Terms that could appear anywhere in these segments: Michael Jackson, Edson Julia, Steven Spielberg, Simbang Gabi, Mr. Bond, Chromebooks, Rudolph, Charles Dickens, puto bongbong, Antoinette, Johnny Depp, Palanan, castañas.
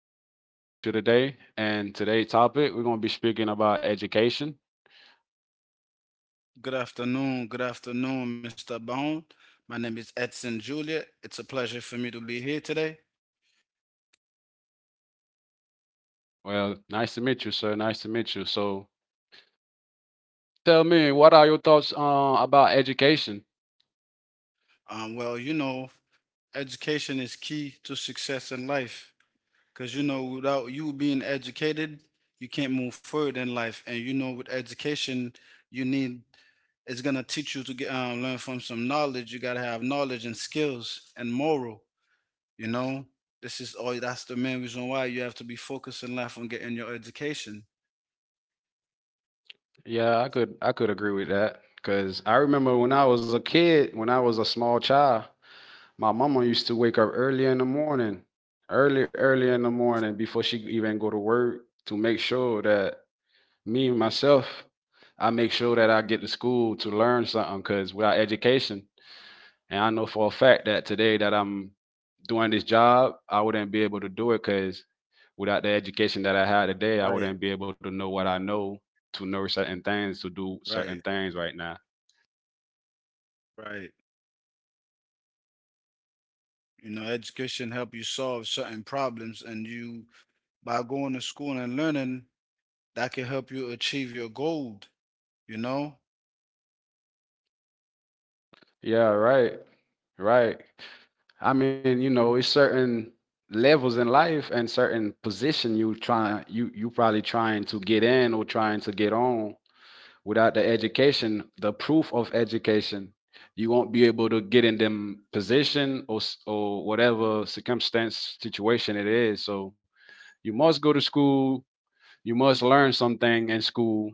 to be here with you today. And today's topic, we're going to be speaking about education. Good afternoon. Good afternoon, Mr. Bond. My name is Edson Julia. It's a pleasure for me to be here today. Well, nice to meet you, sir. Nice to meet you. So, tell me, what are your thoughts about education? Um, well, you know, Education is key to success in life. Because, you know, without you being educated, you can't move forward in life. And, you know, with education, you need, it's going to teach you to learn from some knowledge. You got to have knowledge and skills and moral, you know? That's the main reason why you have to be focused in life on getting your education. Yeah, I could agree with that because I remember when I was a kid, when I was a small child, my mama used to wake up early in the morning, early in the morning before she even go to work to make sure that me myself, I make sure that I get to school to learn something because without education, and I know for a fact that today that I'm doing this job, I wouldn't be able to do it because without the education that I had today, I Right, wouldn't be able to know what I know to know certain things, to do right, certain things right now. right. You know, education help you solve certain problems, and you by going to school and learning, that can help you achieve your goal. You know, Yeah, right. Right. I mean, you know, it's certain levels in life and certain position you probably trying to get in or trying to get on. Without the education, the proof of education, you won't be able to get in them position or or whatever circumstance situation it is. So you must go to school. You must learn something in school,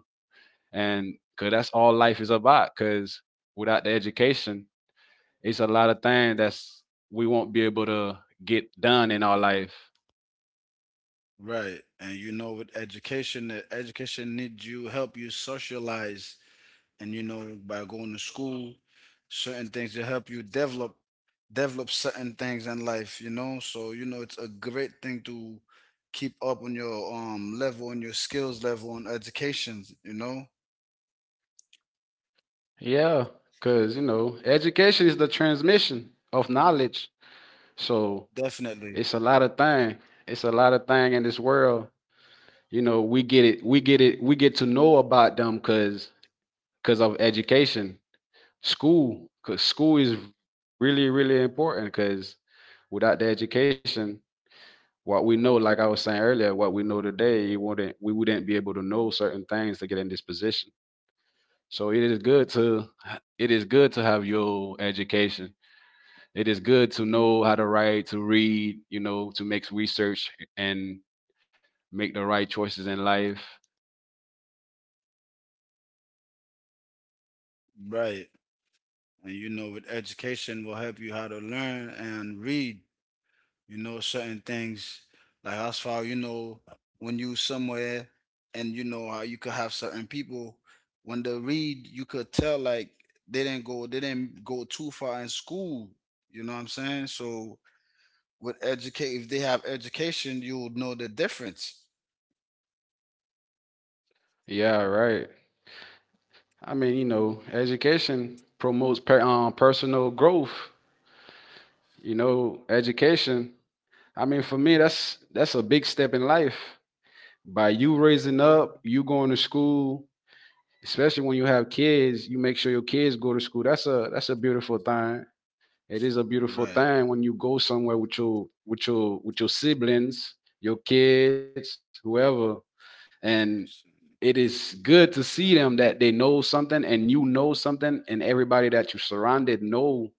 and because that's all life is about. Because without the education, it's a lot of things that's we won't be able to get done in our life. right. And you know, with education, that education needs you, help you socialize, and you know, by going to school, certain things to help you develop certain things in life, you know? So, you know, it's a great thing to keep up on your level, on your skills level, on education, you know? Yeah, because you know, education is the transmission of knowledge. So Definitely. it's a lot of thing. It's a lot of thing in this world. You know, we get it. We get it. We get to know about them because of education, school. Because school is really important. Because without the education, what we know, like I was saying earlier, what we know today, it wouldn't we wouldn't be able to know certain things to get in this position. So it is good to have your education. It is good to know how to write, to read, you know, to make research and make the right choices in life. Right. And you know, with education will help you how to learn and read. You know, certain things, like as far you know, when you somewhere, and you know how you could have certain people, when they read, you could tell like they didn't go too far in school. You know what I'm saying? So, with educate if they have education, you would know the difference. Yeah, right. I mean, you know, education promotes personal growth. You know, education. I mean, for me, that's a big step in life. By you raising up, you going to school, especially when you have kids, you make sure your kids go to school. That's a beautiful thing. It is a beautiful Right. thing when you go somewhere with your siblings, your kids, whoever, and Education. it is good to No, see them that second. they know something and you know something and everybody that you surrounded know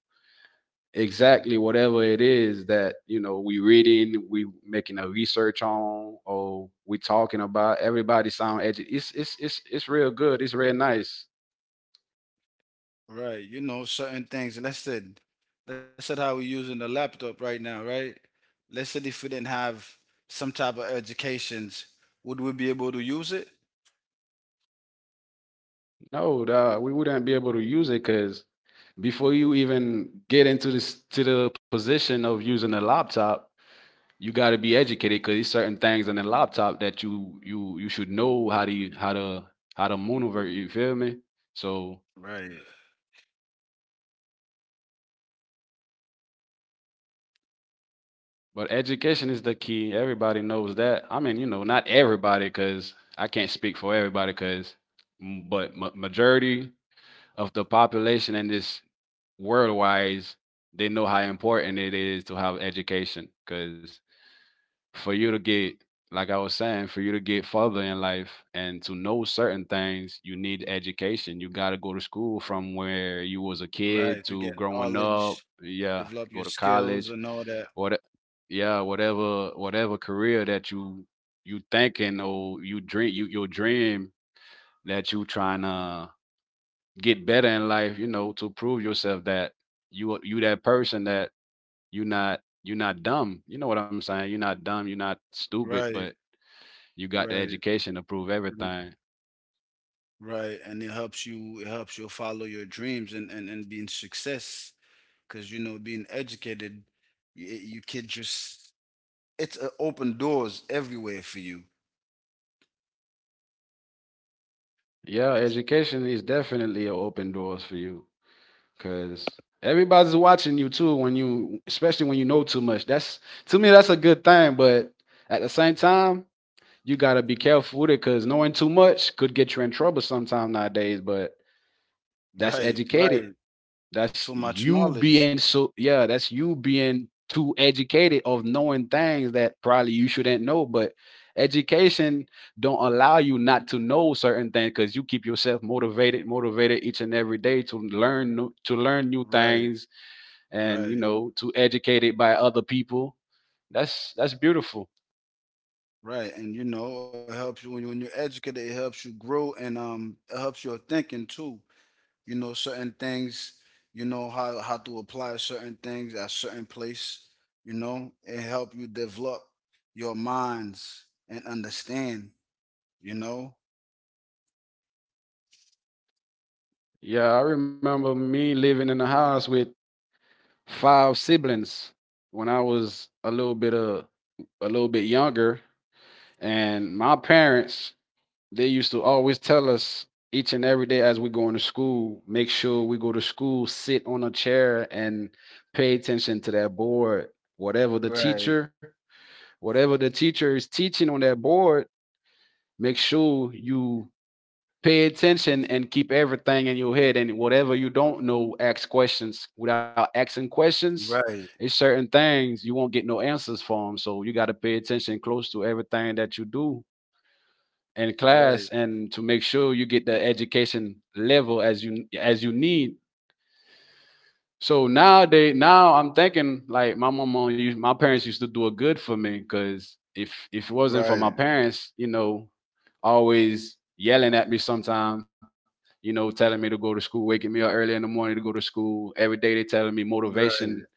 exactly whatever it is that you know we reading we making a research on or we talking about everybody sound it's real good it's real nice. Right, you know, certain things. Let's say how we're using the laptop right now, right? Let's say if we didn't have some type of educations, would we be able to use it? No, we wouldn't be able to use it because before you even get into this to the position of using a laptop you got to be educated because there's certain things in the laptop that you should know how to how to maneuver, you feel me? So Right, but education is the key, everybody knows that. I mean, you know, not everybody because I can't speak for everybody because but majority of the population in this world wise, they know how important it is to have education. Because for you to get, like I was saying, for you to get further in life and to know certain things, you need education. You got to go to school from where you was a right. kid To get to growing up. knowledge, Yeah, develop go your to skills, college. and all that. What? Yeah, whatever, whatever career that you thinking or your dream that you trying to get better in life. You know, to prove yourself that you that person, that you not dumb. You know what I'm saying? You're not dumb. You're not stupid, Right, but you got the right, education to prove mm, everything. right. And it helps you. It helps you follow your dreams and being success. Because you know, being you can just. It's open doors everywhere for you. Yeah, education is definitely a open doors for you because everybody's watching you too when you, especially when you know too much. That's, to me, that's a good thing, but at the same time, you gotta be careful with it because knowing too much could get you in trouble sometime nowadays. But that's Right, educated. right. That's Too much you knowledge. being, so yeah, that's you being too educated of knowing things that probably you shouldn't know, but education don't allow you not to know certain things because you keep yourself motivated each and every day to learn new Right, things and you right, know to educate it by other people. That's beautiful. right. And you know, it helps you when you're educated, it helps you grow, and it helps your thinking too. You know, certain things, you know how to apply certain things at certain place, you know, it help you develop your minds and understand, you know? Yeah, I remember me living in a house with five siblings when I was a little bit younger. And my parents, they used to always tell us each and every day as we're going to school, make sure we go to school, sit on a chair and pay attention to that board. Whatever the Right, teacher, whatever the teacher is teaching on that board, make sure you pay attention and keep everything in your head. And whatever you don't know, ask questions. Without asking questions, right, it's certain things you won't get no answers from. So you got to pay attention close to everything that you do in right, class and to make sure you get the education level as you need. So nowadays, now I'm thinking like my parents used to do a good for me because if it wasn't for my right, parents, you know, always yelling at me sometime, you know, telling me to go to school, waking me up early in the morning to go to school. Every day they telling me right, motivation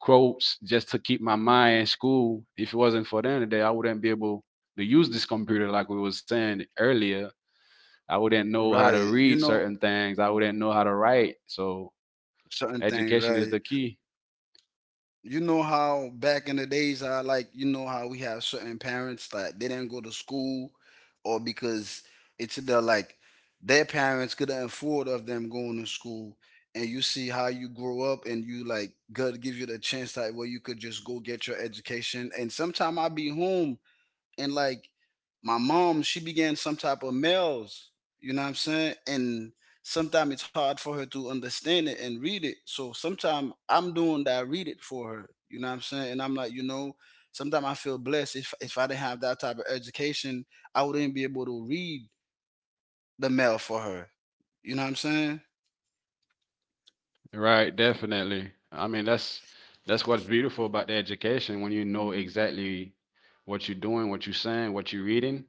quotes just to keep my mind in school. If it wasn't for them today, I wouldn't be able to use this computer like we were saying earlier. I wouldn't know how to right. You read know, certain things. I wouldn't know how to write. So certain things, education is right. the key. You know how back in the days, I like, you know how we have certain parents that they didn't go to school, or because it's either like their parents couldn't afford of them going to school, and you see how you grow up, and you like God give you the chance that where you could just go get your education. And sometime I be home, and like, my mom, she began some type of mails. You know what I'm saying? And sometimes it's hard for her to understand it and read it. So sometimes I'm doing that, I read it for her. You know what I'm saying? And I'm like, you know, sometimes I feel blessed. If I didn't have that type of education, I wouldn't be able to read the mail for her. You know what I'm saying? Right, definitely. I mean, that's what's beautiful about the education when you know exactly what you're doing, what you're saying, what you're reading,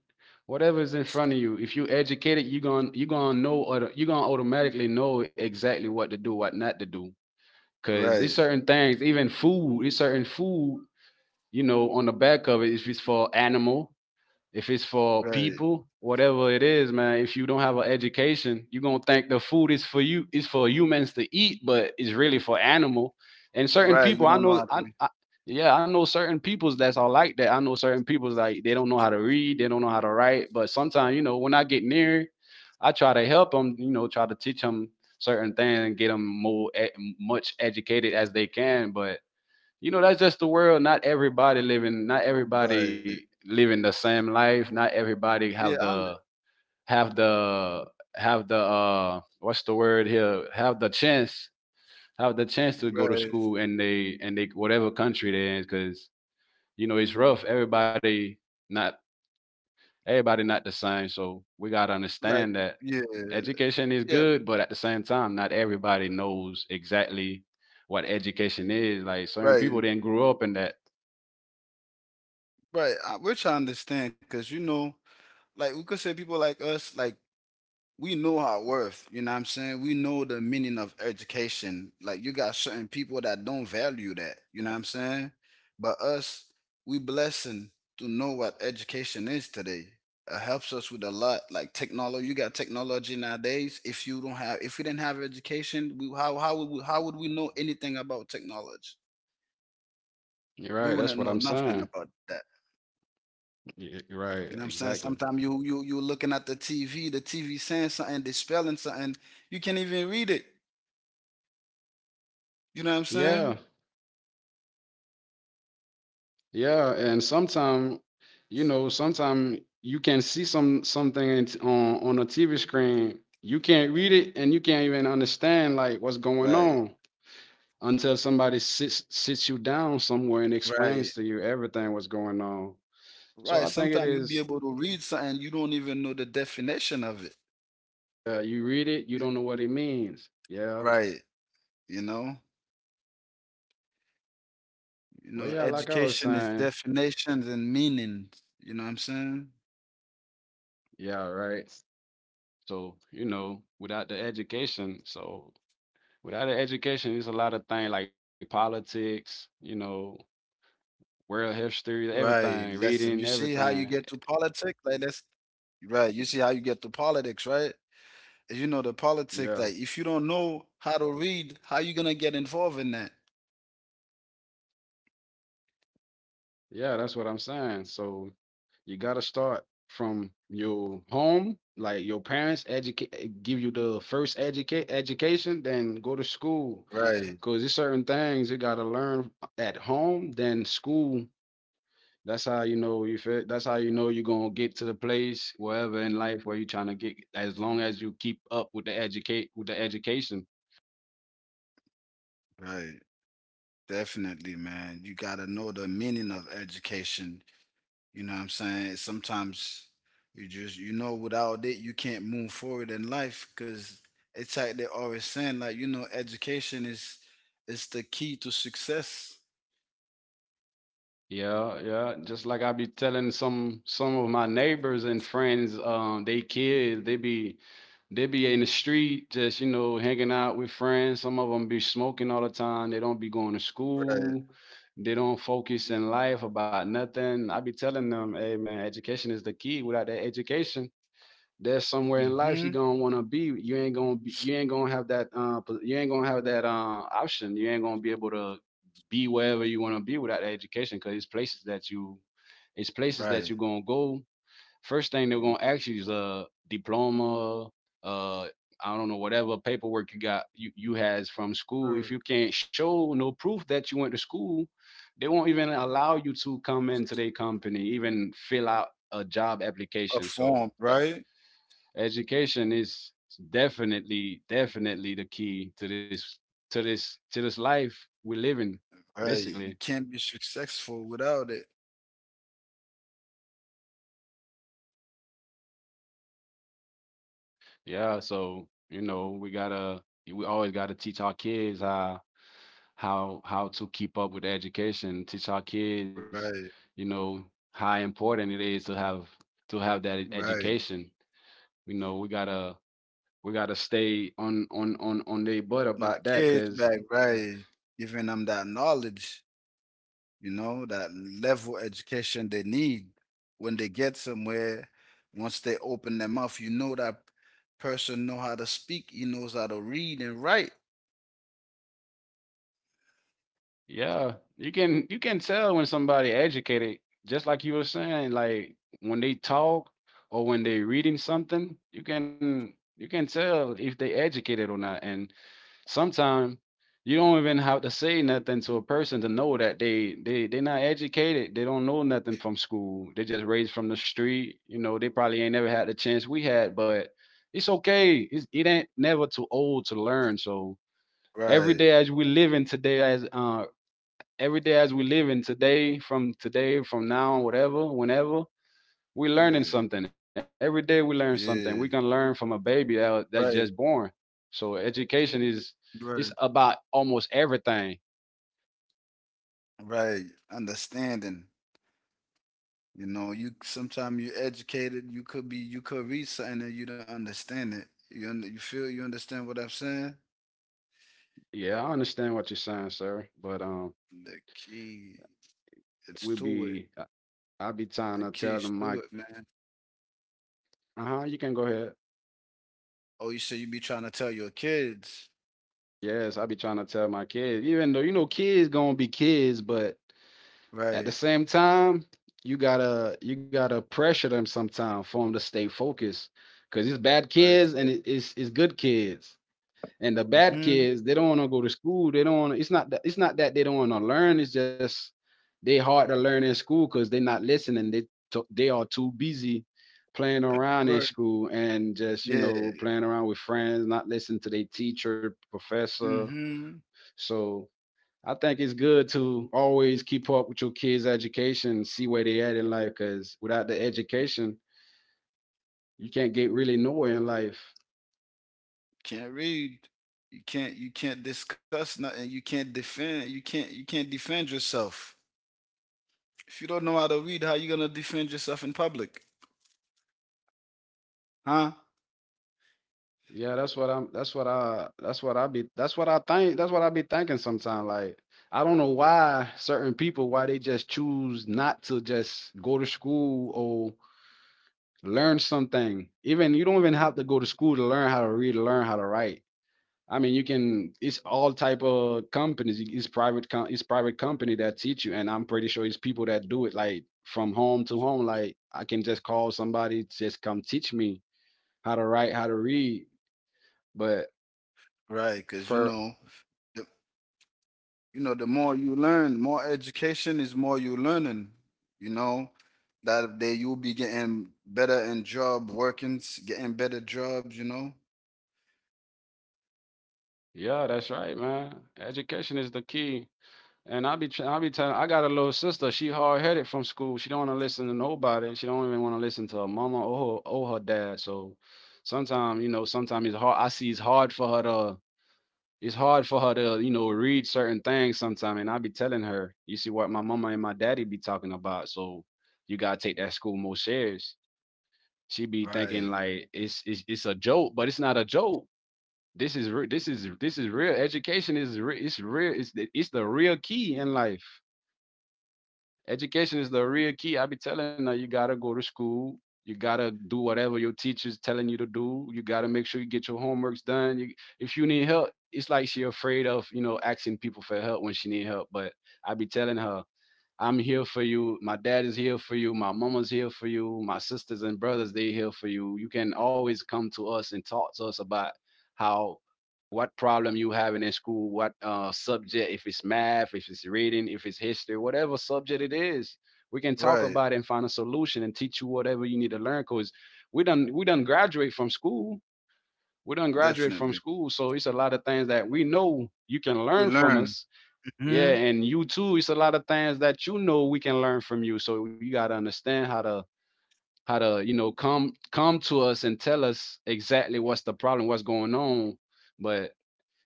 whatever is in front of you. If you educated, you're going to know auto- you're going to automatically know exactly what to do, what not to do. Cuz it's Right, certain things, even food, it's certain food, you know, on the back of it if it's for animal, if it's for right, people, whatever it is, man, if you don't have an education, you're gonna think the food is for you. It's for humans to eat, but it's really for animal. And certain right. people, You I don't know know, how to read. I yeah, I know certain peoples that's all like that. I know certain peoples like they don't know how to read, they don't know how to write. But sometimes, you know, when I get near, I try to help them, you know, try to teach them certain things and get them more much educated as they can. But you know that's just the world. Not everybody living, not Right. everybody living the same life. Not everybody Yeah, have I'm the, have the have the, what's the word here, have the chance, have the chance to go to right. school, and they whatever country they're in. Because you know it's rough. Everybody not, everybody not the same, so we got to Like, understand that yeah. education is Yeah, good but at the same time not everybody knows exactly what education is, like certain right. people didn't grow up in that. Right. Which I understand, cause you know, like, we could say people like us, like, we know our worth. You know what I'm saying? We know the meaning of education. Like, you got certain people that don't value that. You know what I'm saying? But us, we blessing to know what education is today. It helps us with a lot. Like technology, you got technology nowadays. If you don't have, if we didn't have education, we, how would we know anything about technology? We That's wouldn't what know I'm nothing saying. about that. Right, You know what I'm saying? exactly. Sometimes you looking at the TV, the TV saying something, they spelling something, you can't even read it. You know what I'm saying? Yeah, yeah, and sometime, you know, sometime you can see some something on a TV screen, you can't read it, and you can't even understand like what's going Right. on until somebody sits you down somewhere and explains Right. to you everything what's going on. So I Right. think it Sometimes you is. be able to read something you don't even know the definition of it. You read it, you y- don't know what it means. Yeah. Right. You know? You Well, know, yeah, like I was education is saying. definitions and meanings. You know what I'm saying? Yeah, right. So you know, without the education, so without an education, it's a lot of things like politics, you know, world history, Right. everything, Lesson. You reading, see how you everything. get to politics? Like, that's right. You see how you get to politics, right? You know, the politics, Yeah. like, if you don't know how to read, how you gonna get involved in that? Yeah, that's what I'm saying. So you gotta start from your home, like your parents give you the first educate education, then go to school. Right, Cause there's certain things you gotta learn at home, then school. That's how you know you feel. That's how you know you're gonna get to the place wherever in life where you're trying to get. As long as you keep up with the education. right. Definitely, man, you gotta know the meaning of education. You know what I'm saying? Sometimes you just, you know, without it, you can't move forward in life. Because it's like they're always saying, like, you know, education is the key to success. Yeah, yeah. Just like I be telling some of my neighbors and friends, they kids, they be in the street, just you know, hanging out with friends. Some of them be smoking all the time. They don't be going to Right. school. They don't focus in life about nothing. I be telling them, hey man, education is the key. Without that education, there's somewhere in life you're Mm-hmm. gonna want to be. You ain't gonna have that option. You ain't gonna be able to be wherever you want to be without that education because it's places that you it's places that Right. you're gonna go. First thing they're you gonna ask you is a diploma, uh, I don't know whatever paperwork you got you has from school. If are you can't show no proof that you went to school, they won't even allow you to come into their company, even fill out a job a application. So form, right. education is definitely the key to this to this life we're living Right, you basically. can't be successful without it. Yeah, so you know we gotta, we always gotta teach our kids how to keep up with education, teach our kids, Right, you know, how important it is to have that right. education. You know, we gotta, we gotta stay on their butt My about that kids because— back, right. Giving them that knowledge, you know, that level education they need when they get somewhere. Once they open their mouth, you know that person know how to speak. He knows how to read and write. Yeah, you can, you can tell when somebody educated, just like you were saying, like when they talk or when they're reading something, you can, you can tell if they educated or not. And sometimes you don't even have to say nothing to a person to know that they're not educated. They don't know nothing from school. They just raised from the street. You know, they probably ain't never had the chance we had, but it's okay. It's, it ain't never too old to learn. So every Right. day as we live in today as every day as we live in today, from now, whatever, whenever, we learning Yeah. something. Every day we learn something. Yeah. We can learn from a baby that that's Right. just born. So education is, Right. it's about almost everything. Right. Understanding. You know, you sometimes you educated. You could be. You could read something and you don't understand it. You feel. You understand what I'm saying? Yeah, I understand what you're saying, sir. But The key, it's we to it. be I- I be The trying to keys tell them to it, my— man. Uh huh. You can go ahead. Oh, you say you be trying to tell your kids, Yes, I be trying to tell my kids, even though you know kids gonna be kids, but at the right? same time, you gotta, you gotta pressure them sometime for them to stay focused, because it's bad Right. To kids get, and it's good kids. And the bad mm-hmm. kids, they don't want to go to school. They don't wanna, it's not that, it's not that they don't want to learn. It's just they hard to learn in school because they're not listening. They they are too busy playing around in Right. school and just, you Yeah. know, playing around with friends, not listening to their teacher, professor. Mm-hmm. So I think it's good to always keep up with your kids' education and see where they at in life. Cause without the education, you can't get really nowhere in life. Can't read. You can't. You can't discuss nothing. You can't defend. You can't. You can't defend yourself. If you don't know how to read, how you gonna defend yourself in public, huh? Yeah, That's what I be. That's what I think. That's what I be thinking sometimes. Like I don't know why certain people, why they just choose not to just go to school or learn something. Even you don't even have to go to school to learn how to read, or learn how to write. I mean, you can. It's all type of companies. It's private. It's private company that teach you, and I'm pretty sure it's people that do it like from home to home. Like I can just call somebody, just come teach me how to write, how to read. But Right. Cause you for know, the more you learn, more education is more you learning. You know, that day you'll be getting better in job workings, getting better jobs. You know, Yeah, that's right, man. Education is the key. And I be telling. I got a little sister. She hard headed from school. She don't want to listen to nobody. She don't even want to listen to her mama or her dad. So sometimes, you know, sometimes it's hard. I see it's hard for her to, you know, read certain things sometimes. And I be telling her, you see what my mama and my daddy be talking about. So you gotta take that school more serious. She be thinking right. like it's a joke, but it's not a joke. This is, this is real. Education is it's real. It's the real key in life. Education is the real key. I be telling her you gotta go to school. You gotta do whatever your teacher's telling you to do. You gotta make sure you get your homeworks done. You, if you need help, it's like she afraid of, you know, asking people for help when she need help. But I be telling her, I'm here for you. My dad is here for you. My mama's here for you. My sisters and brothers, they here for you. You can always come to us and talk to us about how, what problem you having in school, what subject, if it's math, if it's reading, if it's history, whatever subject it is, we can talk Right? about it and find a solution and teach you whatever you need to learn. Cause we done graduate from school. We done graduate from Definitely, school, so it's a lot of things that we know you can learn we from learn. us. Yeah, Hmm. and you too. It's a lot of things that, you know, we can learn from you. So you gotta understand how to, you know, come to us and tell us exactly what's the problem, what's going on. But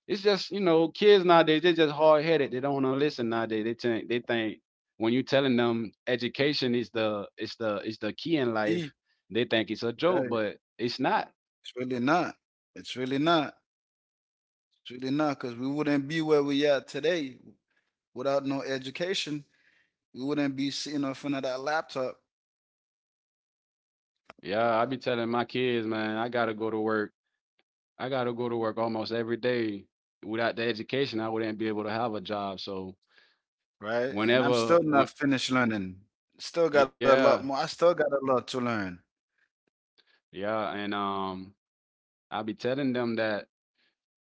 it's just, you know, kids nowadays, they're just hard headed. They don't want to listen nowadays. They think when you telling them education is the is the is the key in life, they think it's a joke, Right? but it's not. It's really not. It's really not. It's really not, because we wouldn't be where we are today without no education. We wouldn't be sitting in front of that laptop, Yeah, I be telling my kids, man, I gotta go to work. I gotta go to work almost every day. Without the education, I wouldn't be able to have a job. So right? And I'm whenever still not when finished learning. Still got a Yeah, lot more. I still got a lot to learn. yeah. And I'll be telling them that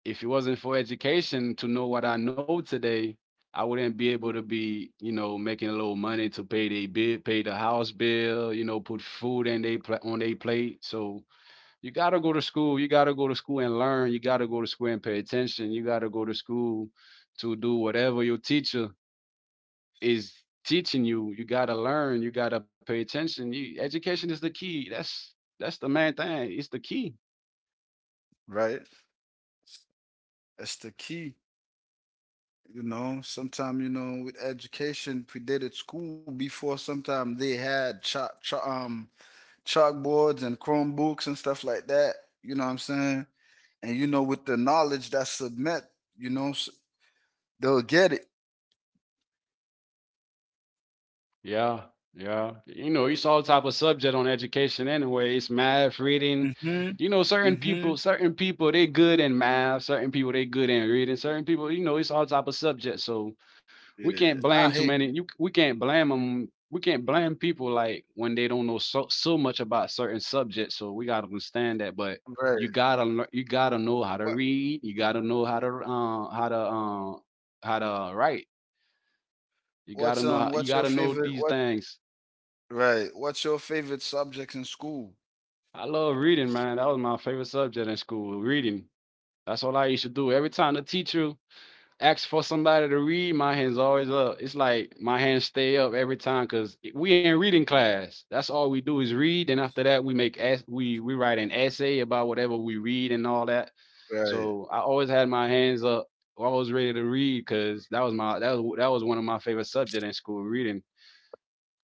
if it wasn't for education to know what I know today, I wouldn't be able to be, you know, making a little money to pay their bill, pay the house bill, you know, put food in on their plate. So you gotta go to school. You gotta go to school and learn. You gotta go to school and pay attention. You gotta go to school to do whatever your teacher is teaching you. You gotta learn. You gotta pay attention. You, education is the key. That's the main thing. It's the key. Right? That's the key. You know, sometimes you know, with education predated school before. Sometimes they had chalkboards and Chromebooks and stuff like that. You know what I'm saying? And you know, with the knowledge that's submit, you know, they'll get it. Yeah, yeah. You know, it's all type of subject on education anyway. It's math, reading. Hmm. You know, Hmm. Certain people, they good in math. Certain people, they good in reading. Certain people, you know, it's all type of subject. So we Yeah, can't I blame too hate. many. You we can't blame them. We can't blame people like when they don't know so much about certain subjects. So we gotta understand that. But Right. You gotta know how to What? read. You gotta know how to how to write. You gotta know how, you What's your gotta know favorite? these What? things. Right. What's your favorite subjects in school? I love reading, man. That was my favorite subject in school. Reading. That's all I used to do. Every time the teacher ask for somebody to read, my hand's always up. It's like my hands stay up every time because we in reading class. That's all we do is read. And after that, we make as we write an essay about whatever we read and all that. Right. So I always had my hands up, always ready to read because that was one of my favorite subject in school, reading.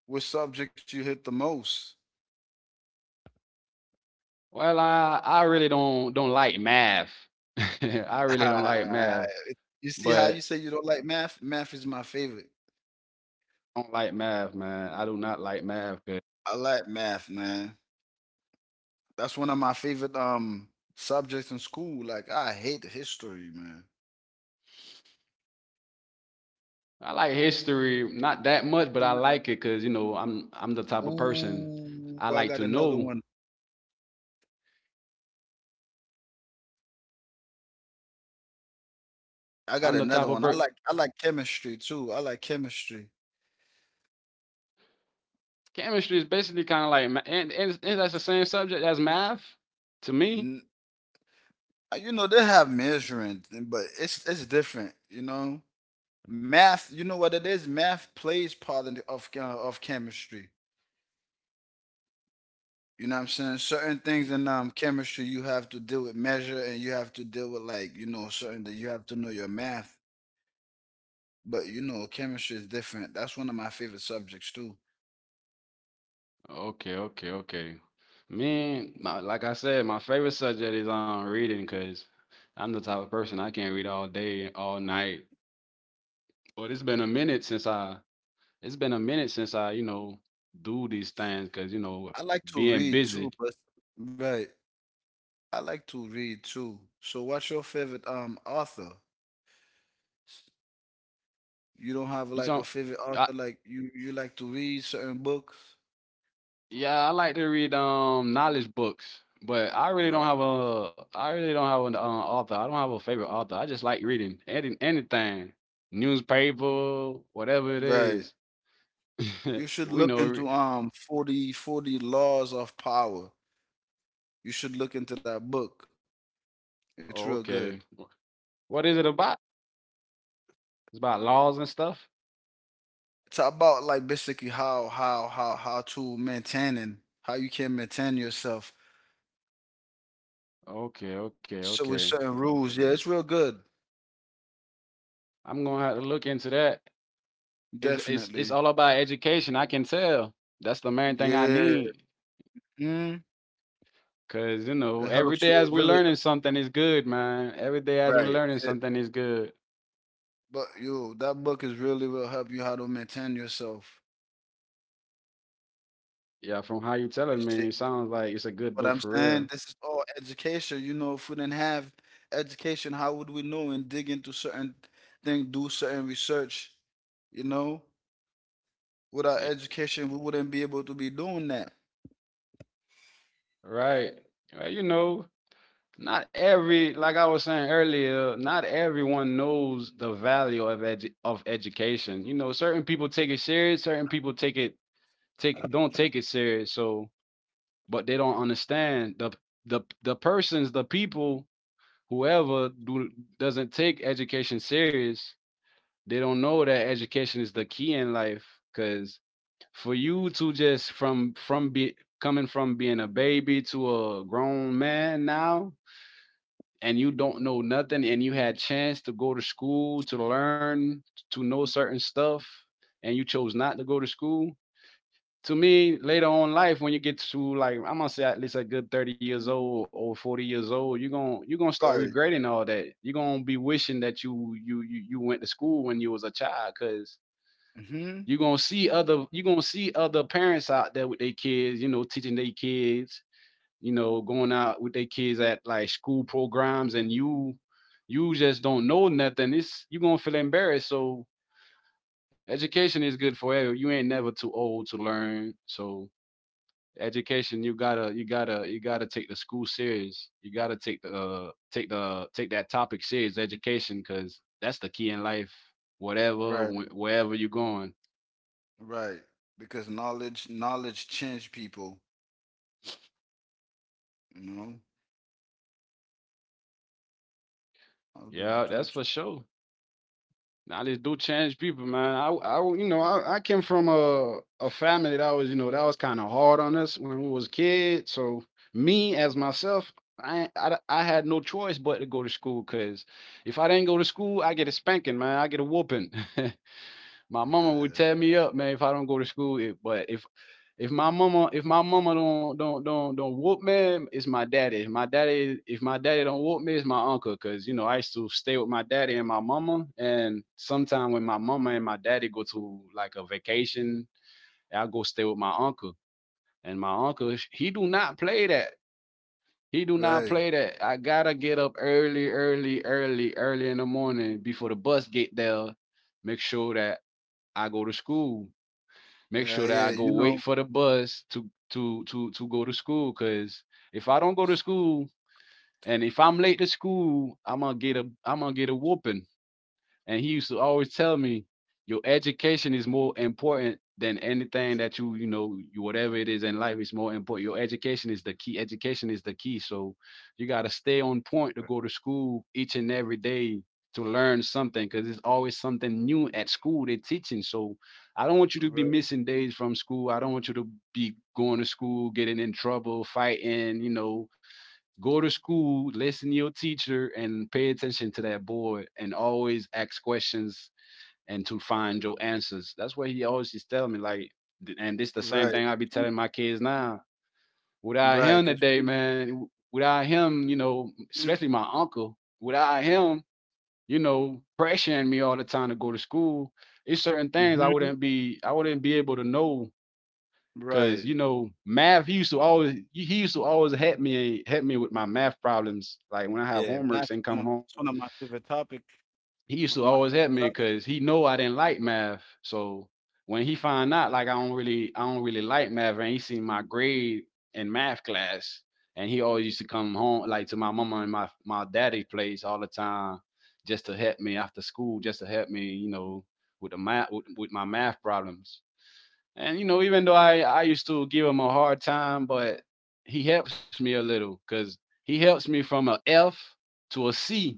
Which subject you hit the most? Well, I really don't like math. I really don't like Ah, math, you see how you but say you don't like math? Math is my favorite. I don't like math, man. I do not like math. I like math, man. That's one of my favorite subjects in school. Like, I hate history, man. I like history, not that much, but I And, uh, like it because you know I'm the type of person Ooh, I I like got to another know. one. I got I'm the another type one. of per- I like chemistry too. I like chemistry. chemistry is basically kind of like and that's the same subject as math to me. N- You know, they have measuring, but it's different. You know, math. You know what it is? Math plays part in the, of chemistry. You know what I'm saying? Certain things in chemistry, you have to deal with measure, and you have to deal with, like, you know, certain that you have to know your math. But you know, chemistry is different. That's one of my favorite subjects too. Okay, okay, okay. Man, like I said, my favorite subject is reading because I'm the type of person I can't read all day, all night. But it's been a minute since I, you know, do these things because you know I like to being read too, busy. but right. I like to read too. So what's your favorite author? You don't have You like a talk. favorite author? Like you like to read certain books? Yeah, I like to read knowledge books, but Right. I really don't have an author. I don't have a favorite author. I just like reading anything, newspaper, whatever it Right. is. You should We look know. into Re- forty laws of power. You should look into that book. It's oh, real good. okay, what is it about? It's about laws and stuff. It's about, like, basically how to maintain and how you can maintain yourself. Okay, okay, So, with okay. certain rules, yeah, it's real good. I'm gonna have to look into that. It's Definitely, all about education, I can tell. That's the main thing I yeah. need. Mm, Cause it every helps day you. as It we're really learning something is good, man. Every day as we're Right. learning It, something is good. but you, that book is really will help you how to maintain yourself. Yeah, from how you You telling see me, it sounds like it's a good what book I'm for saying? real. This is all education. You know, if we didn't have education, how would we know and dig into certain things, do certain research? You know. Without Yeah. education, we wouldn't be able to be doing that. Right. Well, not every like I was saying earlier, not everyone knows the value of of education. You know, certain people take it serious, certain people take it take don't take it serious. So, but they don't understand the persons, the people, whoever do, doesn't take education serious. They don't know that education is the key in life because for you to just from be coming from being a baby to a grown man now, and you don't know nothing, and you had chance to go to school to learn, to know certain stuff, and you chose not to go to school. To me, later on in life, when you get to, like, I'm gonna say at least a good 30 years old or 40 years old, you're gonna start Right. regretting all that. You're gonna be wishing that you went to school when you was a child, because Hmm. you're gonna see other you're gonna see other parents out there with their kids, you know, teaching their kids, you know, going out with their kids at, like, school programs, and you just don't know nothing. It's You're gonna feel embarrassed. So education is good for everyone. You ain't never too old to learn. So education, you gotta you gotta take the school serious, you gotta take the take that topic serious, education, because that's the key in life, Right, wherever you're going. right. Because knowledge, knowledge change people. You know, Yeah, knowledge that's do. for ch- sure. Now this do change people, man. You know, I came from a family that was, you know, that was kind of hard on us when we was kids. So me as myself, I had no choice but to go to school, because if I didn't go to school, I get a spanking, man. I get a whooping. My mama would Yeah. tear me up, man, if I don't go to school. But if if my mama don't whoop me, it's my daddy. If my daddy if my daddy don't whoop me, it's my uncle. Cause you know I used to stay with my daddy and my mama, and sometime when my mama and my daddy go to, like, a vacation, I go stay with my uncle. And my uncle, he do not play that. He do not Right. play that. I gotta get up early in the morning before the bus get there. Make sure that I go to school, make Yeah, sure that yeah. I go You wait know. for the bus to go to school. Cause if I don't go to school, and if I'm late to school, I'm gonna get a whooping. And he used to always tell me, "Your education is more important than anything that you, whatever it is in life, is more important. Your education is the key. Education is the key. So you got to stay on point to go to school each and every day to learn something, because there's always something new at school they're teaching. So I don't want you to be Right, missing days from school. I don't want you to be going to school, getting in trouble, fighting, you know, go to school, listen to your teacher, and pay attention to that board, and always ask questions and to find your answers." That's what he always just tell me. And this the same right, thing I be telling my kids now. Without right. him Cause today, man, without him, you know, especially my uncle, without him, you know, pressuring me all the time to go to school, it's certain things mm-hmm. I wouldn't be able to know. Cause Right. you know, math, he used to always help me with my math problems. Like when I have Yeah, math homeworks and is come one. home, That's one of my favorite topic. he used One to of my always favorite help me subjects. because he know I didn't like math. So when he find out like I don't really like math, and he seen my grade in math class, and he always used to come home like to my mama and my daddy place all the time, just to help me after school, just to help me, you know, with with my math problems. And you know, even though I used to give him a hard time, but he helps me a little, because he helps me from a F to a C,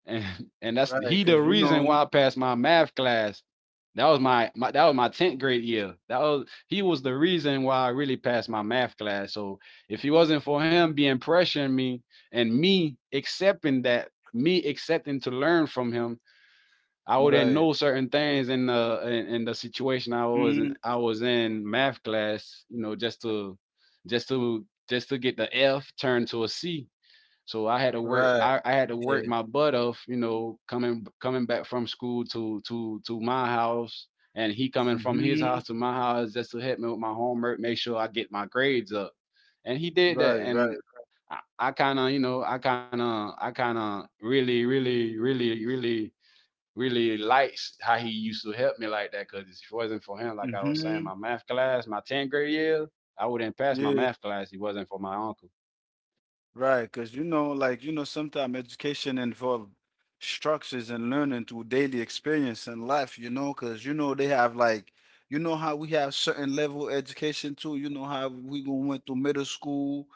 and and that's Right, he cause the you reason know. why I passed my math class. That was my, my that was my tenth grade year. That was He was the reason why I really passed my math class. So if he wasn't for him being pressuring me, and me accepting that, me accepting to learn from him, I wouldn't Right. know certain things in in the situation I was Mm, in. I was in math class, you know, just to get the F turned to a C. So right. I had to Yeah. work my butt off, you know, coming back from school to my house, and he coming from his Mm-hmm. house to my house just to help me with my homework, make sure I get my grades up. And he did that. Right. And Right. I kind of, you know, I kind of, really, really, really likes how he used to help me like that. Cause if it wasn't for him, like I was saying, Mm-hmm. my math class, my 10th grade year, I wouldn't pass my Yeah, math class, if it wasn't for my uncle. right. Because you know, like, you know, sometimes education involve structures and learning through daily experience and life. You know, because you know they have like, you know how we have certain level education too. You know how we go went to middle school,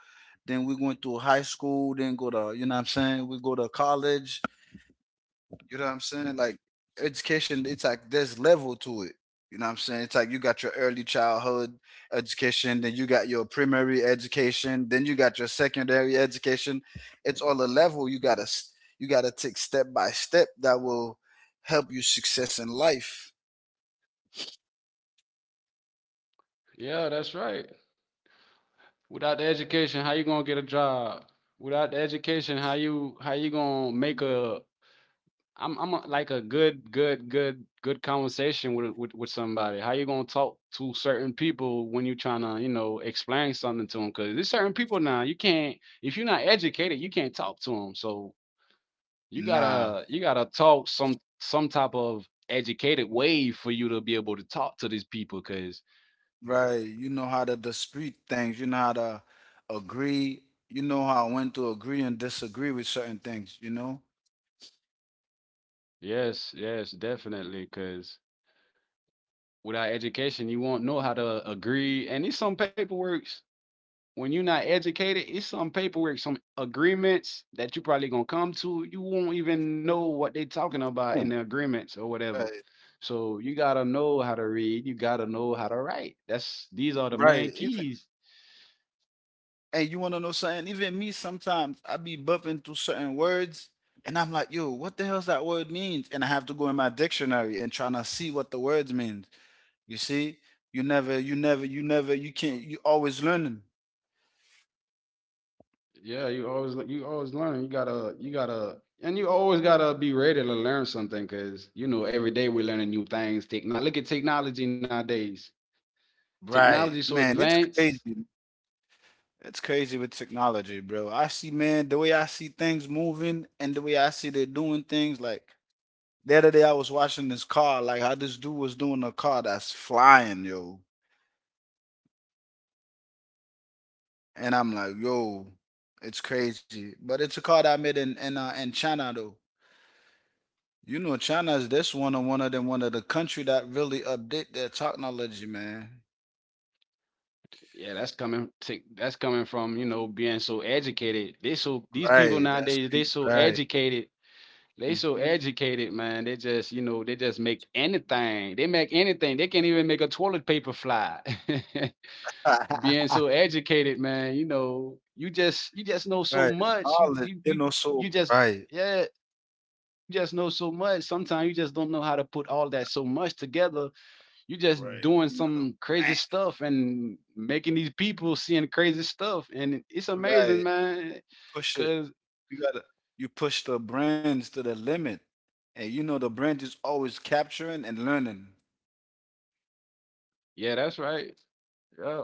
then we went to high school, then go to, you know what I'm saying, we go to college. You know what I'm saying? Like education, it's like there's level to it. You know what I'm saying? It's like you got your early childhood education, then you got your primary education, then you got your secondary education. It's all a level you you gotta take step by step that will help you success in life. Yeah, that's right. Without the education, how you gonna get a job? Without the education, how you gonna make a— I'm a, like a good conversation with somebody. How you gonna talk to certain people when you trying to, you know, explain something to them? Because there's certain people now you can't, if you're not educated, you can't talk to them. So you Nah, gotta talk some type of educated way for you to be able to talk to these people. Cause right? You know how to dispute things. You know how to agree. You know how when to agree and disagree with certain things. You know. yes, yes, definitely. Cause without education, you won't know how to agree. And it's some paperwork, when you're not educated, it's some paperwork, some agreements that you probably gonna come to, you won't even know what they're talking about in Mm. the agreements or whatever. Right. So you gotta know how to read. You gotta know how to write. That's these are the main Right. Even keys. And you want to know something? Even me, sometimes I be bumping through certain words, and I'm like, "Yo, what the hell's that word means?" And I have to go in my dictionary and trying to see what the words means. You see, you never, you can't. You always learning, Yeah, you always learn. You gotta and you always gotta be ready to learn something, because you know every day we're learning new things. Take now, look at technology nowadays. right? Technology so Man, it's advanced. crazy. It's crazy with technology, bro. I see, man, the way I see things moving and the way I see they're doing things. Like the other day, I was watching this car, like how this dude was doing a car that's flying, yo, and I'm like, yo, it's crazy. But it's a card I made in China though. You know, China is this one of the country that really update their technology, man. Yeah, that's coming. That's coming from, you know, being so educated. They so These people Right, that's nowadays, they good, so right. educated. They so hmm educated, man. They just, you know, they just make anything. They make anything. They can't even make a toilet paper fly. Being so educated, man. You know, you just know so right, much. Knowledge, you know, You so just— bright. yeah, you just know so much. Sometimes you just don't know how to put all that so much together. You just Right, doing you know the some crazy brand. stuff, and making these people seeing crazy stuff, and it's amazing, Right, man. push it. Cause You gotta you push the brands to the limit, and you know the brand is always capturing and learning. yeah, that's right. Yeah.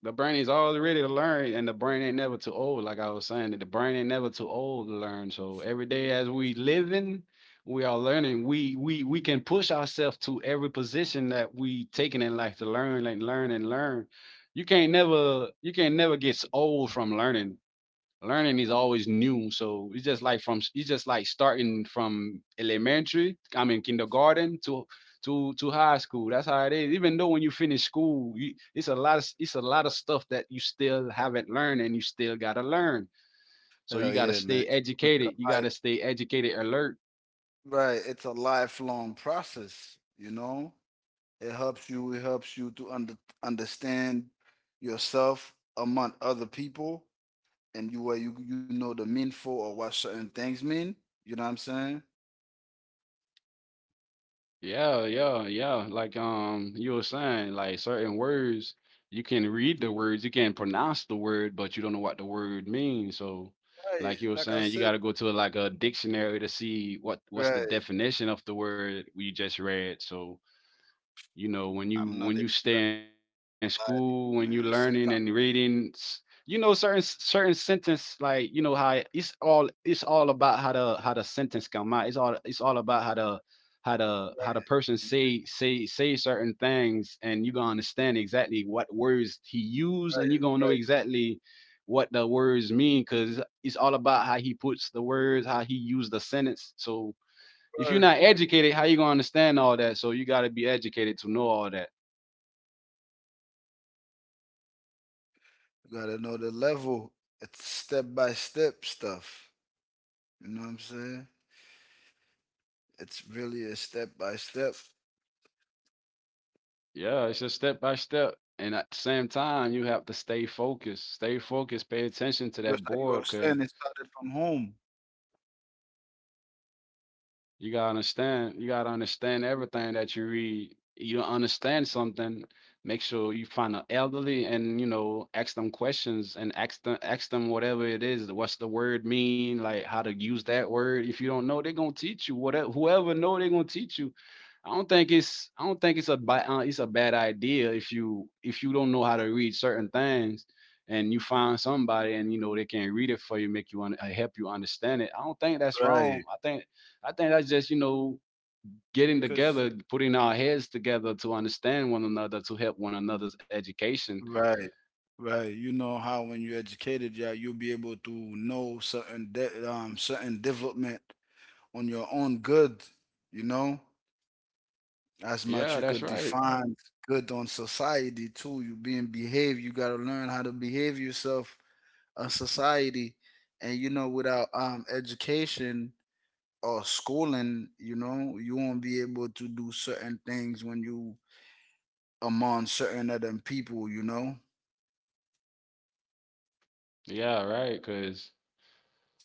The brain is always ready to learn, and the brain ain't never too old. Like I was saying, that the brain ain't never too old to learn. So every day as we living, we are learning. We can push ourselves to every position that we taking in life to learn, like learn and learn. You can't never get old from learning. Learning is always new. So it's just like from— it's just like starting from elementary, I mean kindergarten, to high school. That's how it is. Even though when you finish school, it's a lot of it's a lot of stuff that you still haven't learned and you still gotta learn. So you Hell gotta yeah, man! stay educated. You gotta stay educated, alert. Right, it's a lifelong process, you know? It helps you to understand yourself among other people and you where you know the meaningful or what certain things mean. You know what I'm saying? Yeah, yeah, yeah. Like you were saying, like certain words, you can read the words, you can pronounce the word, but you don't know what the word means. So Right. like you were Like I saying, you said, gotta go to, like, a dictionary to see what what's the right. definition of the word we just read. So you know I'm not when you even stay in gonna lie to school you, when you man. learning Sometimes and reading you know certain sentence, like you know how it's all about how the sentence come out. It's all about how the how right, the how the person say certain things, and you gonna understand exactly what words he used, right, and you gonna right, know exactly what the words mean because it's all about how he puts the words, how he used the sentence. So if you're right. not educated, how you gonna understand all that? So you gotta be educated to know all that. You gotta know the level. It's step by step stuff. You know what I'm saying? It's really a step by step. Yeah, it's just step by step. And at the same time, you have to stay focused. Stay focused. Pay attention to Because that like you were board because saying, it started from home, you gotta understand. You gotta understand everything that you read. You don't understand something, make sure you find an elderly and you know ask them questions and ask them whatever it is. What's the word mean? Like how to use that word. If you don't know, they're gonna teach you. Whatever whoever know, they're gonna teach you. I don't think it's a it's a bad idea if you don't know how to read certain things, and you find somebody and you know they can read it for you, make you help you understand it. I don't think that's wrong. right? I think that's just, you know, getting Because together, putting our heads together to understand one another, to help one another's education. right, right. You know how when you're educated, yeah, you'll be able to know certain development on your own good. You know, as Yeah, much you that's could right. define good on society too. You being behave, you gotta learn how to behave yourself on society, and you know without education or schooling, you know, you won't be able to do certain things when you among certain other people, you know? Yeah, right. Cause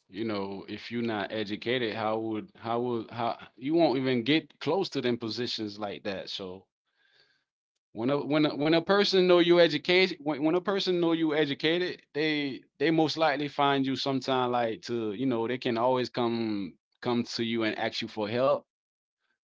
you know, if you're not educated, how you won't even get close to them positions like that. So when a person know you educated, when a person know you educated, they most likely find you sometime, like, to you know they can always come to you and ask you for help,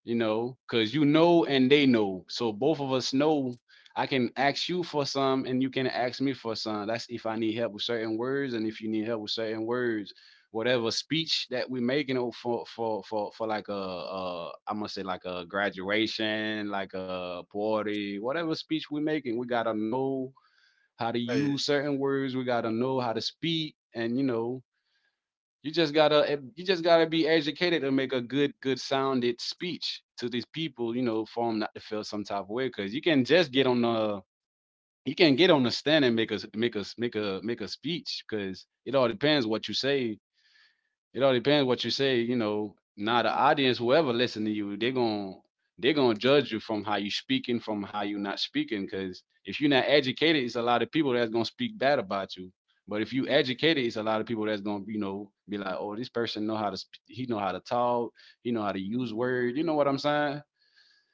you know, because you know and they know. So both of us know. I can ask you for some and you can ask me for some. That's if I need help with certain words and if you need help with certain words. Whatever speech that we making, you know, for like a I'm gonna say like a graduation, like a party, whatever speech we are making, we gotta know how to Right, use certain words. We gotta know how to speak, and you know, you just gotta you just gotta be educated to make a good sounded speech to these people, you know, for them not to feel some type of way. Because you can just get on the you can get on the stand and make a speech. Because it all depends what you say, it all depends what you say, you know. Now the audience, whoever listen to you, they're going to they're gonna judge you from how you speaking, from how you not speaking. Cause if you're not educated, it's a lot of people that's gonna speak bad about you. But if you educated, it's a lot of people that's gonna, you know, be like, oh, this person know how to he know how to talk, he know how to use words. You know what I'm saying?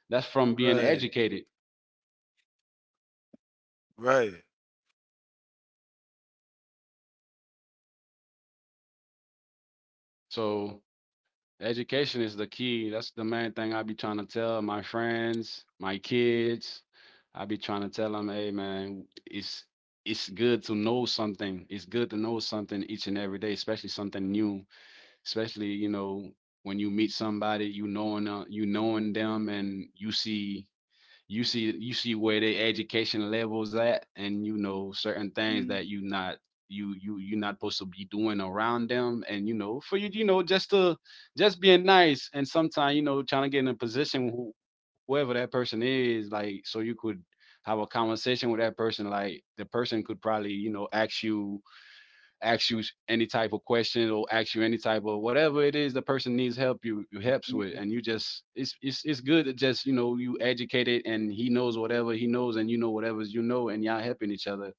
That's from being right, educated. right, So education is the key. That's the main thing I be trying to tell my friends, my kids. I be trying to tell them, hey man, it's good to know something. It's good to know something each and every day, especially something new. Especially you know when you meet somebody, you knowing them, and you see where their education levels at, and you know certain things Mhm, that you're not supposed to be doing around them, and you know for you, you know, just to just being nice, and sometimes you know trying to get in a position who, whoever that person is, like, so you could have a conversation with that person, like the person could probably you know ask you any type of question or ask you any type of whatever it is the person needs help you, you helps with. mhm. And you just it's good to just you know you educate it and he knows whatever he knows and you know whatever you know and y'all helping each other.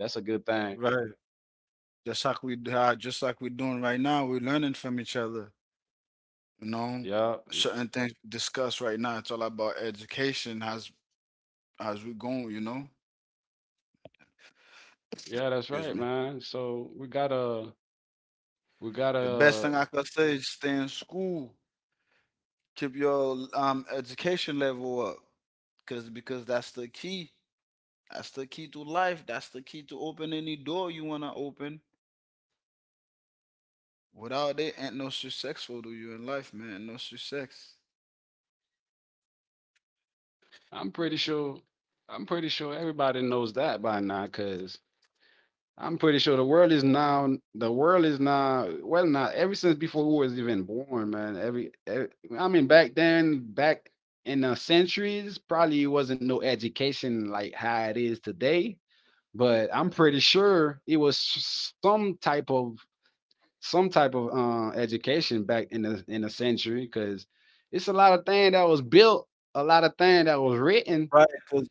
That's a good thing. Right. Just like we're doing right now, we're learning from each other, you know? Yeah, Certain things we discuss right now, it's all about education, how's we going, you know? yeah, that's Excuse right, me. man. So we gotta we The best thing gotta I could say is stay in school, keep your education level up. Cause Because that's the key. That's the key to life. That's the key to open any door you wanna open. Without it, ain't no successful for you in life, man. Ain't no success. i'm pretty sure I'm pretty sure everybody knows that by now, because I'm pretty sure the world is now the world is now well, not ever since before we was even born, man. Every I mean back then, back in the centuries, probably wasn't no education like how it is today. But I'm pretty sure it was some type of some type of education back in the century because it's a lot of thing that was built, a lot of thing that was written. Right? Cause,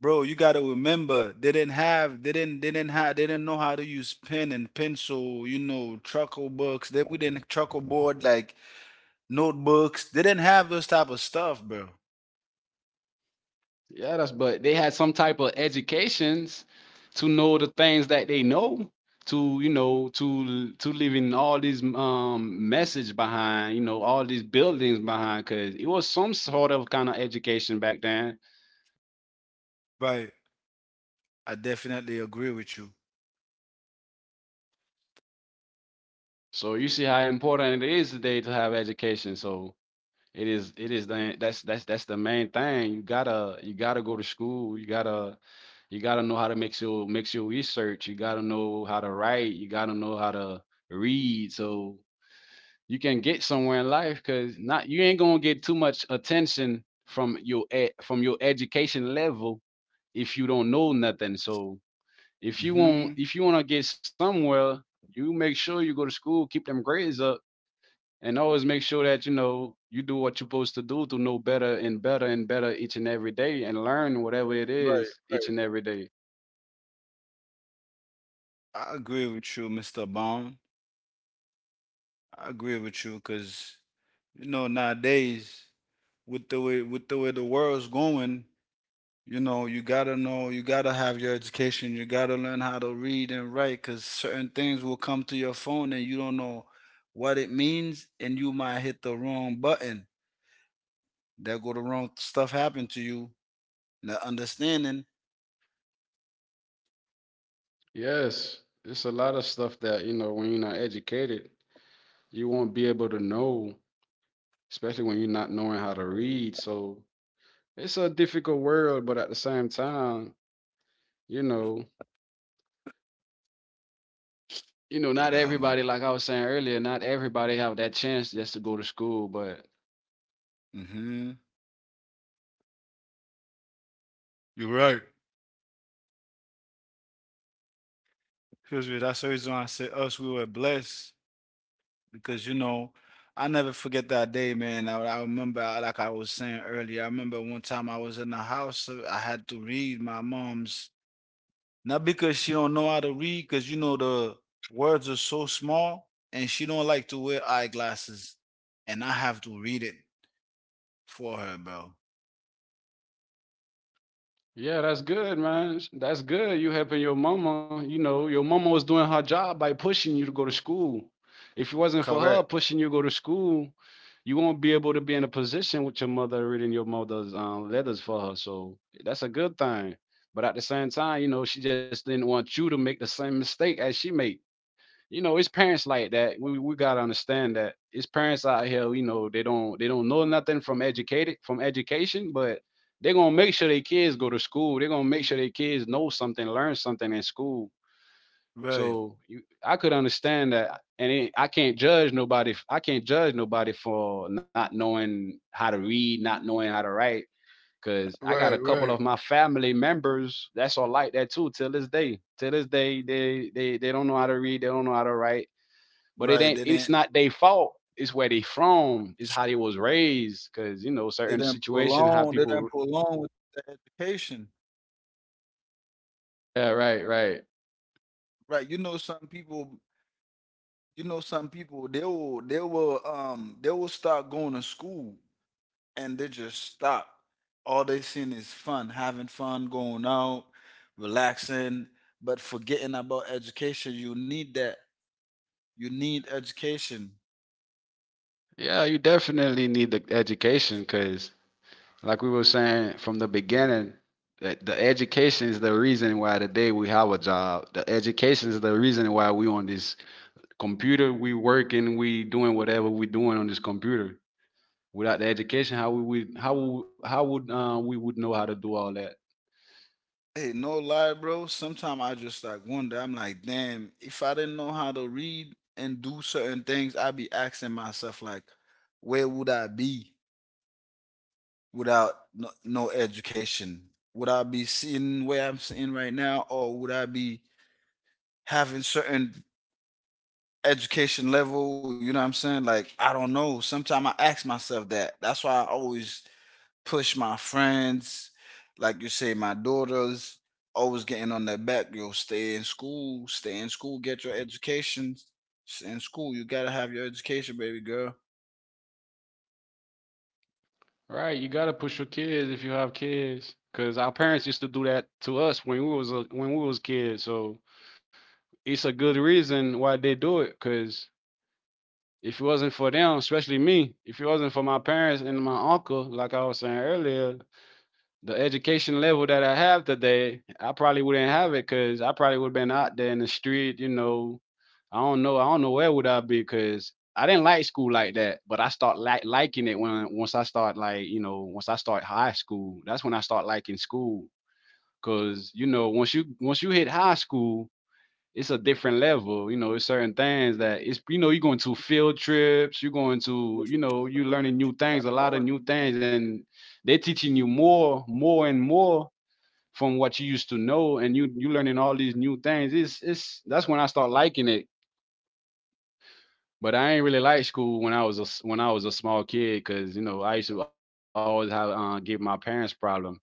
bro, you gotta remember they didn't have they didn't have they didn't know how to use pen and pencil, you know, truckle books. They We didn't truckle board like notebooks. They didn't have those type of stuff, bro. Yeah, that's but they had some type of educations to know the things that they know to you know to leaving all these message behind, you know, all these buildings behind, because it was some sort of kind of education back then. Right. I definitely agree with you. So you see how important it is today to have education. So it is the that's the main thing. You gotta go to school, you gotta know how to make your research, you gotta know how to write, you gotta know how to read, so you can get somewhere in life. Because not you ain't gonna get too much attention from your from your education level if you don't know nothing. So if you want Hmm. if you want to get somewhere, you make sure you go to school, keep them grades up, and always make sure that you know you do what you're supposed to do to know better and better and better each and every day, and learn whatever it Right, is right. each and every day. I agree with you, Mr. Bond. I agree with you, cause you know, nowadays with the way the world's going, you know you gotta have your education, you gotta learn how to read and write because certain things will come to your phone and you don't know what it means and you might hit the wrong button that go the wrong stuff happen to you not understanding. Yes, it's a lot of stuff that you know when you're not educated, you won't be able to know, especially when you're not knowing how to read. So it's a difficult world, but at the same time, you know, you know, not Yeah, man. everybody, like I was saying earlier, not everybody have that chance just to go to school. But Hmm. You're right. Excuse me, that's the reason why I say us we were blessed because you know I never forget that day, man. I remember like I was saying earlier, I remember one time I was in the house, I had to read my mom's. Not because she don't know how to read, because you know the words are so small, and she don't like to wear eyeglasses, and I have to read it for her, bro. yeah, that's good, man. That's good. You helping your mama. You know, your mama was doing her job by pushing you to go to school. If it wasn't for Correct. her pushing you to go to school, you won't be able to be in a position with your mother reading your mother's letters for her. So that's a good thing. But at the same time, you know, she just didn't want you to make the same mistake as she made. You know, it's parents like that. We gotta understand that it's parents out here. You know, they don't know nothing from educated from education, but they're gonna make sure their kids go to school. They're gonna make sure their kids know something, learn something in school. Right. So you, I could understand that, and it, I can't judge nobody for not knowing how to read, not knowing how to write. Cause I got Right. a couple Right. of my family members that's all like that too. Till this day, they don't know how to read, they don't know how to write. But it Right. ain't They it's didn't. not their fault, it's where they from, it's how they was raised, because you know They certain didn't situation how prolong. They didn't people. prolong with the education. Yeah, right. Right. You know, some people. You know, some people. They will. They will. They will start going to school and they just stop. All they seen is fun, having fun, going out, relaxing, but forgetting about education. You need that. You need education. Yeah, you definitely need the education because like we were saying from the beginning, that the education is the reason why today we have a job. The education is the reason why we on this computer, we working, we doing whatever we doing on this computer. Without the education, how would we would know how to do all that? Hey, no lie, bro. Sometimes I just like wonder. I'm like, damn, if I didn't know how to read and do certain things, I'd be asking myself like, where would I be without no education? Would I be sitting where I'm sitting right now, or would I be having certain education level, you know what I'm saying? Like, I don't know. Sometimes I ask myself that. That's why I always push my friends, like you say, my daughters, always getting on their back. Yo, stay in school, get your education. Stay in school. You gotta have your education, baby girl. Right, you gotta push your kids if you have kids, because our parents used to do that to us when we was when we was kids. So it's a good reason why they do it, because if it wasn't for them, especially me, if it wasn't for my parents and my uncle, like I was saying earlier, the education level that I have today, I probably wouldn't have it because I probably would have been out there in the street, you know. I don't know. I don't know where would I be because I didn't like school like that. But I start like liking it when once I start like you know once I start high school. That's when I start liking school because once you once you hit high school, it's a different level. You know, it's certain things that you're going to field trips, you're going to, If you're learning new things, a no lot of one- new things, and they're teaching you more, more and more from what you used to know, and you learning all these new things. It's that's when I start liking it. But I ain't really like school when I was a when I was a small kid because I used to always have give my parents problem.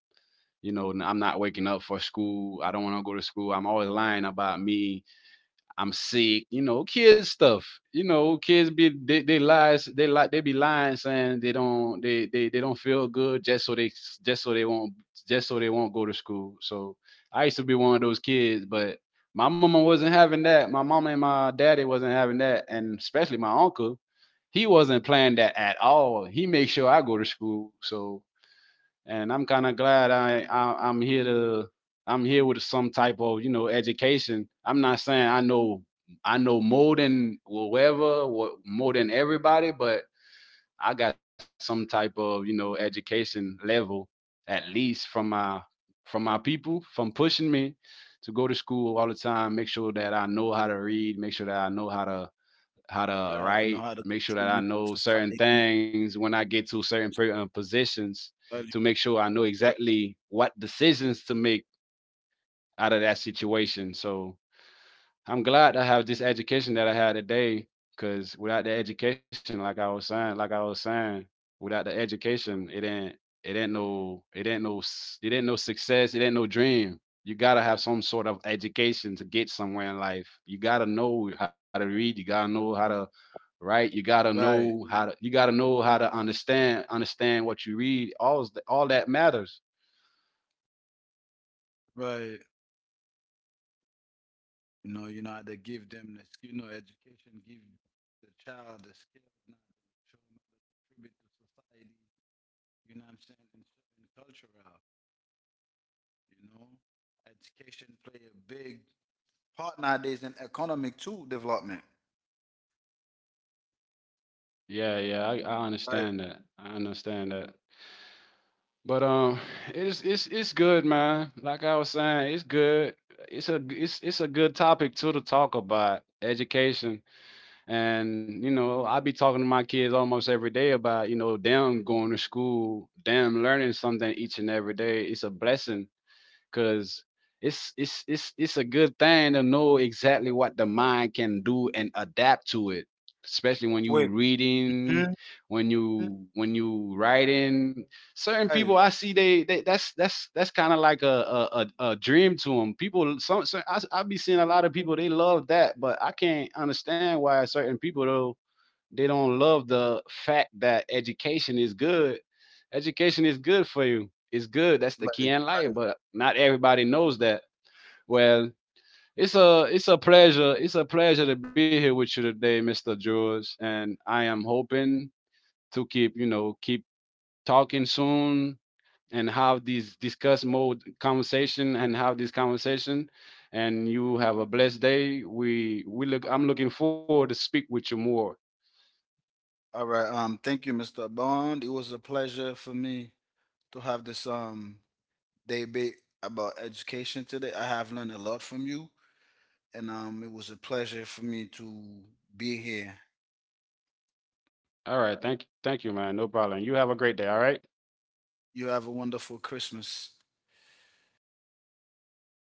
You know, I'm not waking up for school. I don't want to go to school. I'm always lying about me, I'm sick, you know, kids stuff. You know, kids be they lies, they like they be lying saying they don't feel good just so they won't just so they won't go to school. So I used to be one of those kids, but my mama wasn't having that. My mama and my daddy wasn't having that, and especially my uncle, he wasn't playing that at all. He made sure I go to school. So and I'm kind of glad I'm here to I'm here with some type of, you know, education. I'm not saying I know, I know more than whoever, more than everybody, but I got some type of, you know, education level at least from my, from my people, from pushing me to go to school all the time. Make sure that I know how to read. Make sure that I know how to, how to Right, know how write, to make sure that contribute I to know certain society. things when I get to certain positions Value. to make sure I know exactly what decisions to make out of that situation. So I'm glad I have this education that I had today because without the education, like I was saying, without the education, it ain't no it ain't no success, it ain't no dream. You gotta have some sort of education to get somewhere in life. You gotta know how to read, you gotta know how to write, you gotta Right, right. know how to understand, understand what you read. All that matters. Right. You know how to give them the skill, you know, education, give the child the skills now, show them how to contribute to society, you know what I'm saying, and certain cultural, you know. Education play a big part nowadays in economic too development. Yeah, yeah, I Right, understand that. I understand that. But it's good, man. Like I was saying, it's good. It's it's a good topic too to talk about education. And you know, I be talking to my kids almost every day about, you know, them going to school, them learning something each and every day. It's a blessing because it's a good thing to know exactly what the mind can do and adapt to it, especially when quick. you Mhm. reading, when you writing certain Right, people I see they, that's kind of like a dream to them people. Some, I be seeing a lot of people they love that but I can't understand why certain people though they don't love the fact that education is good. Education is good for you. It's good. That's the right, key in right. life, but not everybody knows that. Well, it's a pleasure. It's a pleasure to be here with you today, Mr. George. And I am hoping to keep, you know, keep talking soon and have these discuss mode conversation and have this conversation, and you have a blessed day. We look I'm looking forward to speak with you more. All right. Thank you, Mr. Bond. It was a pleasure for me to have this debate about education today. I have learned a lot from you, and it was a pleasure for me to be here. All right. Thank you, man. No problem. You have a great day. All right. You have a wonderful Christmas.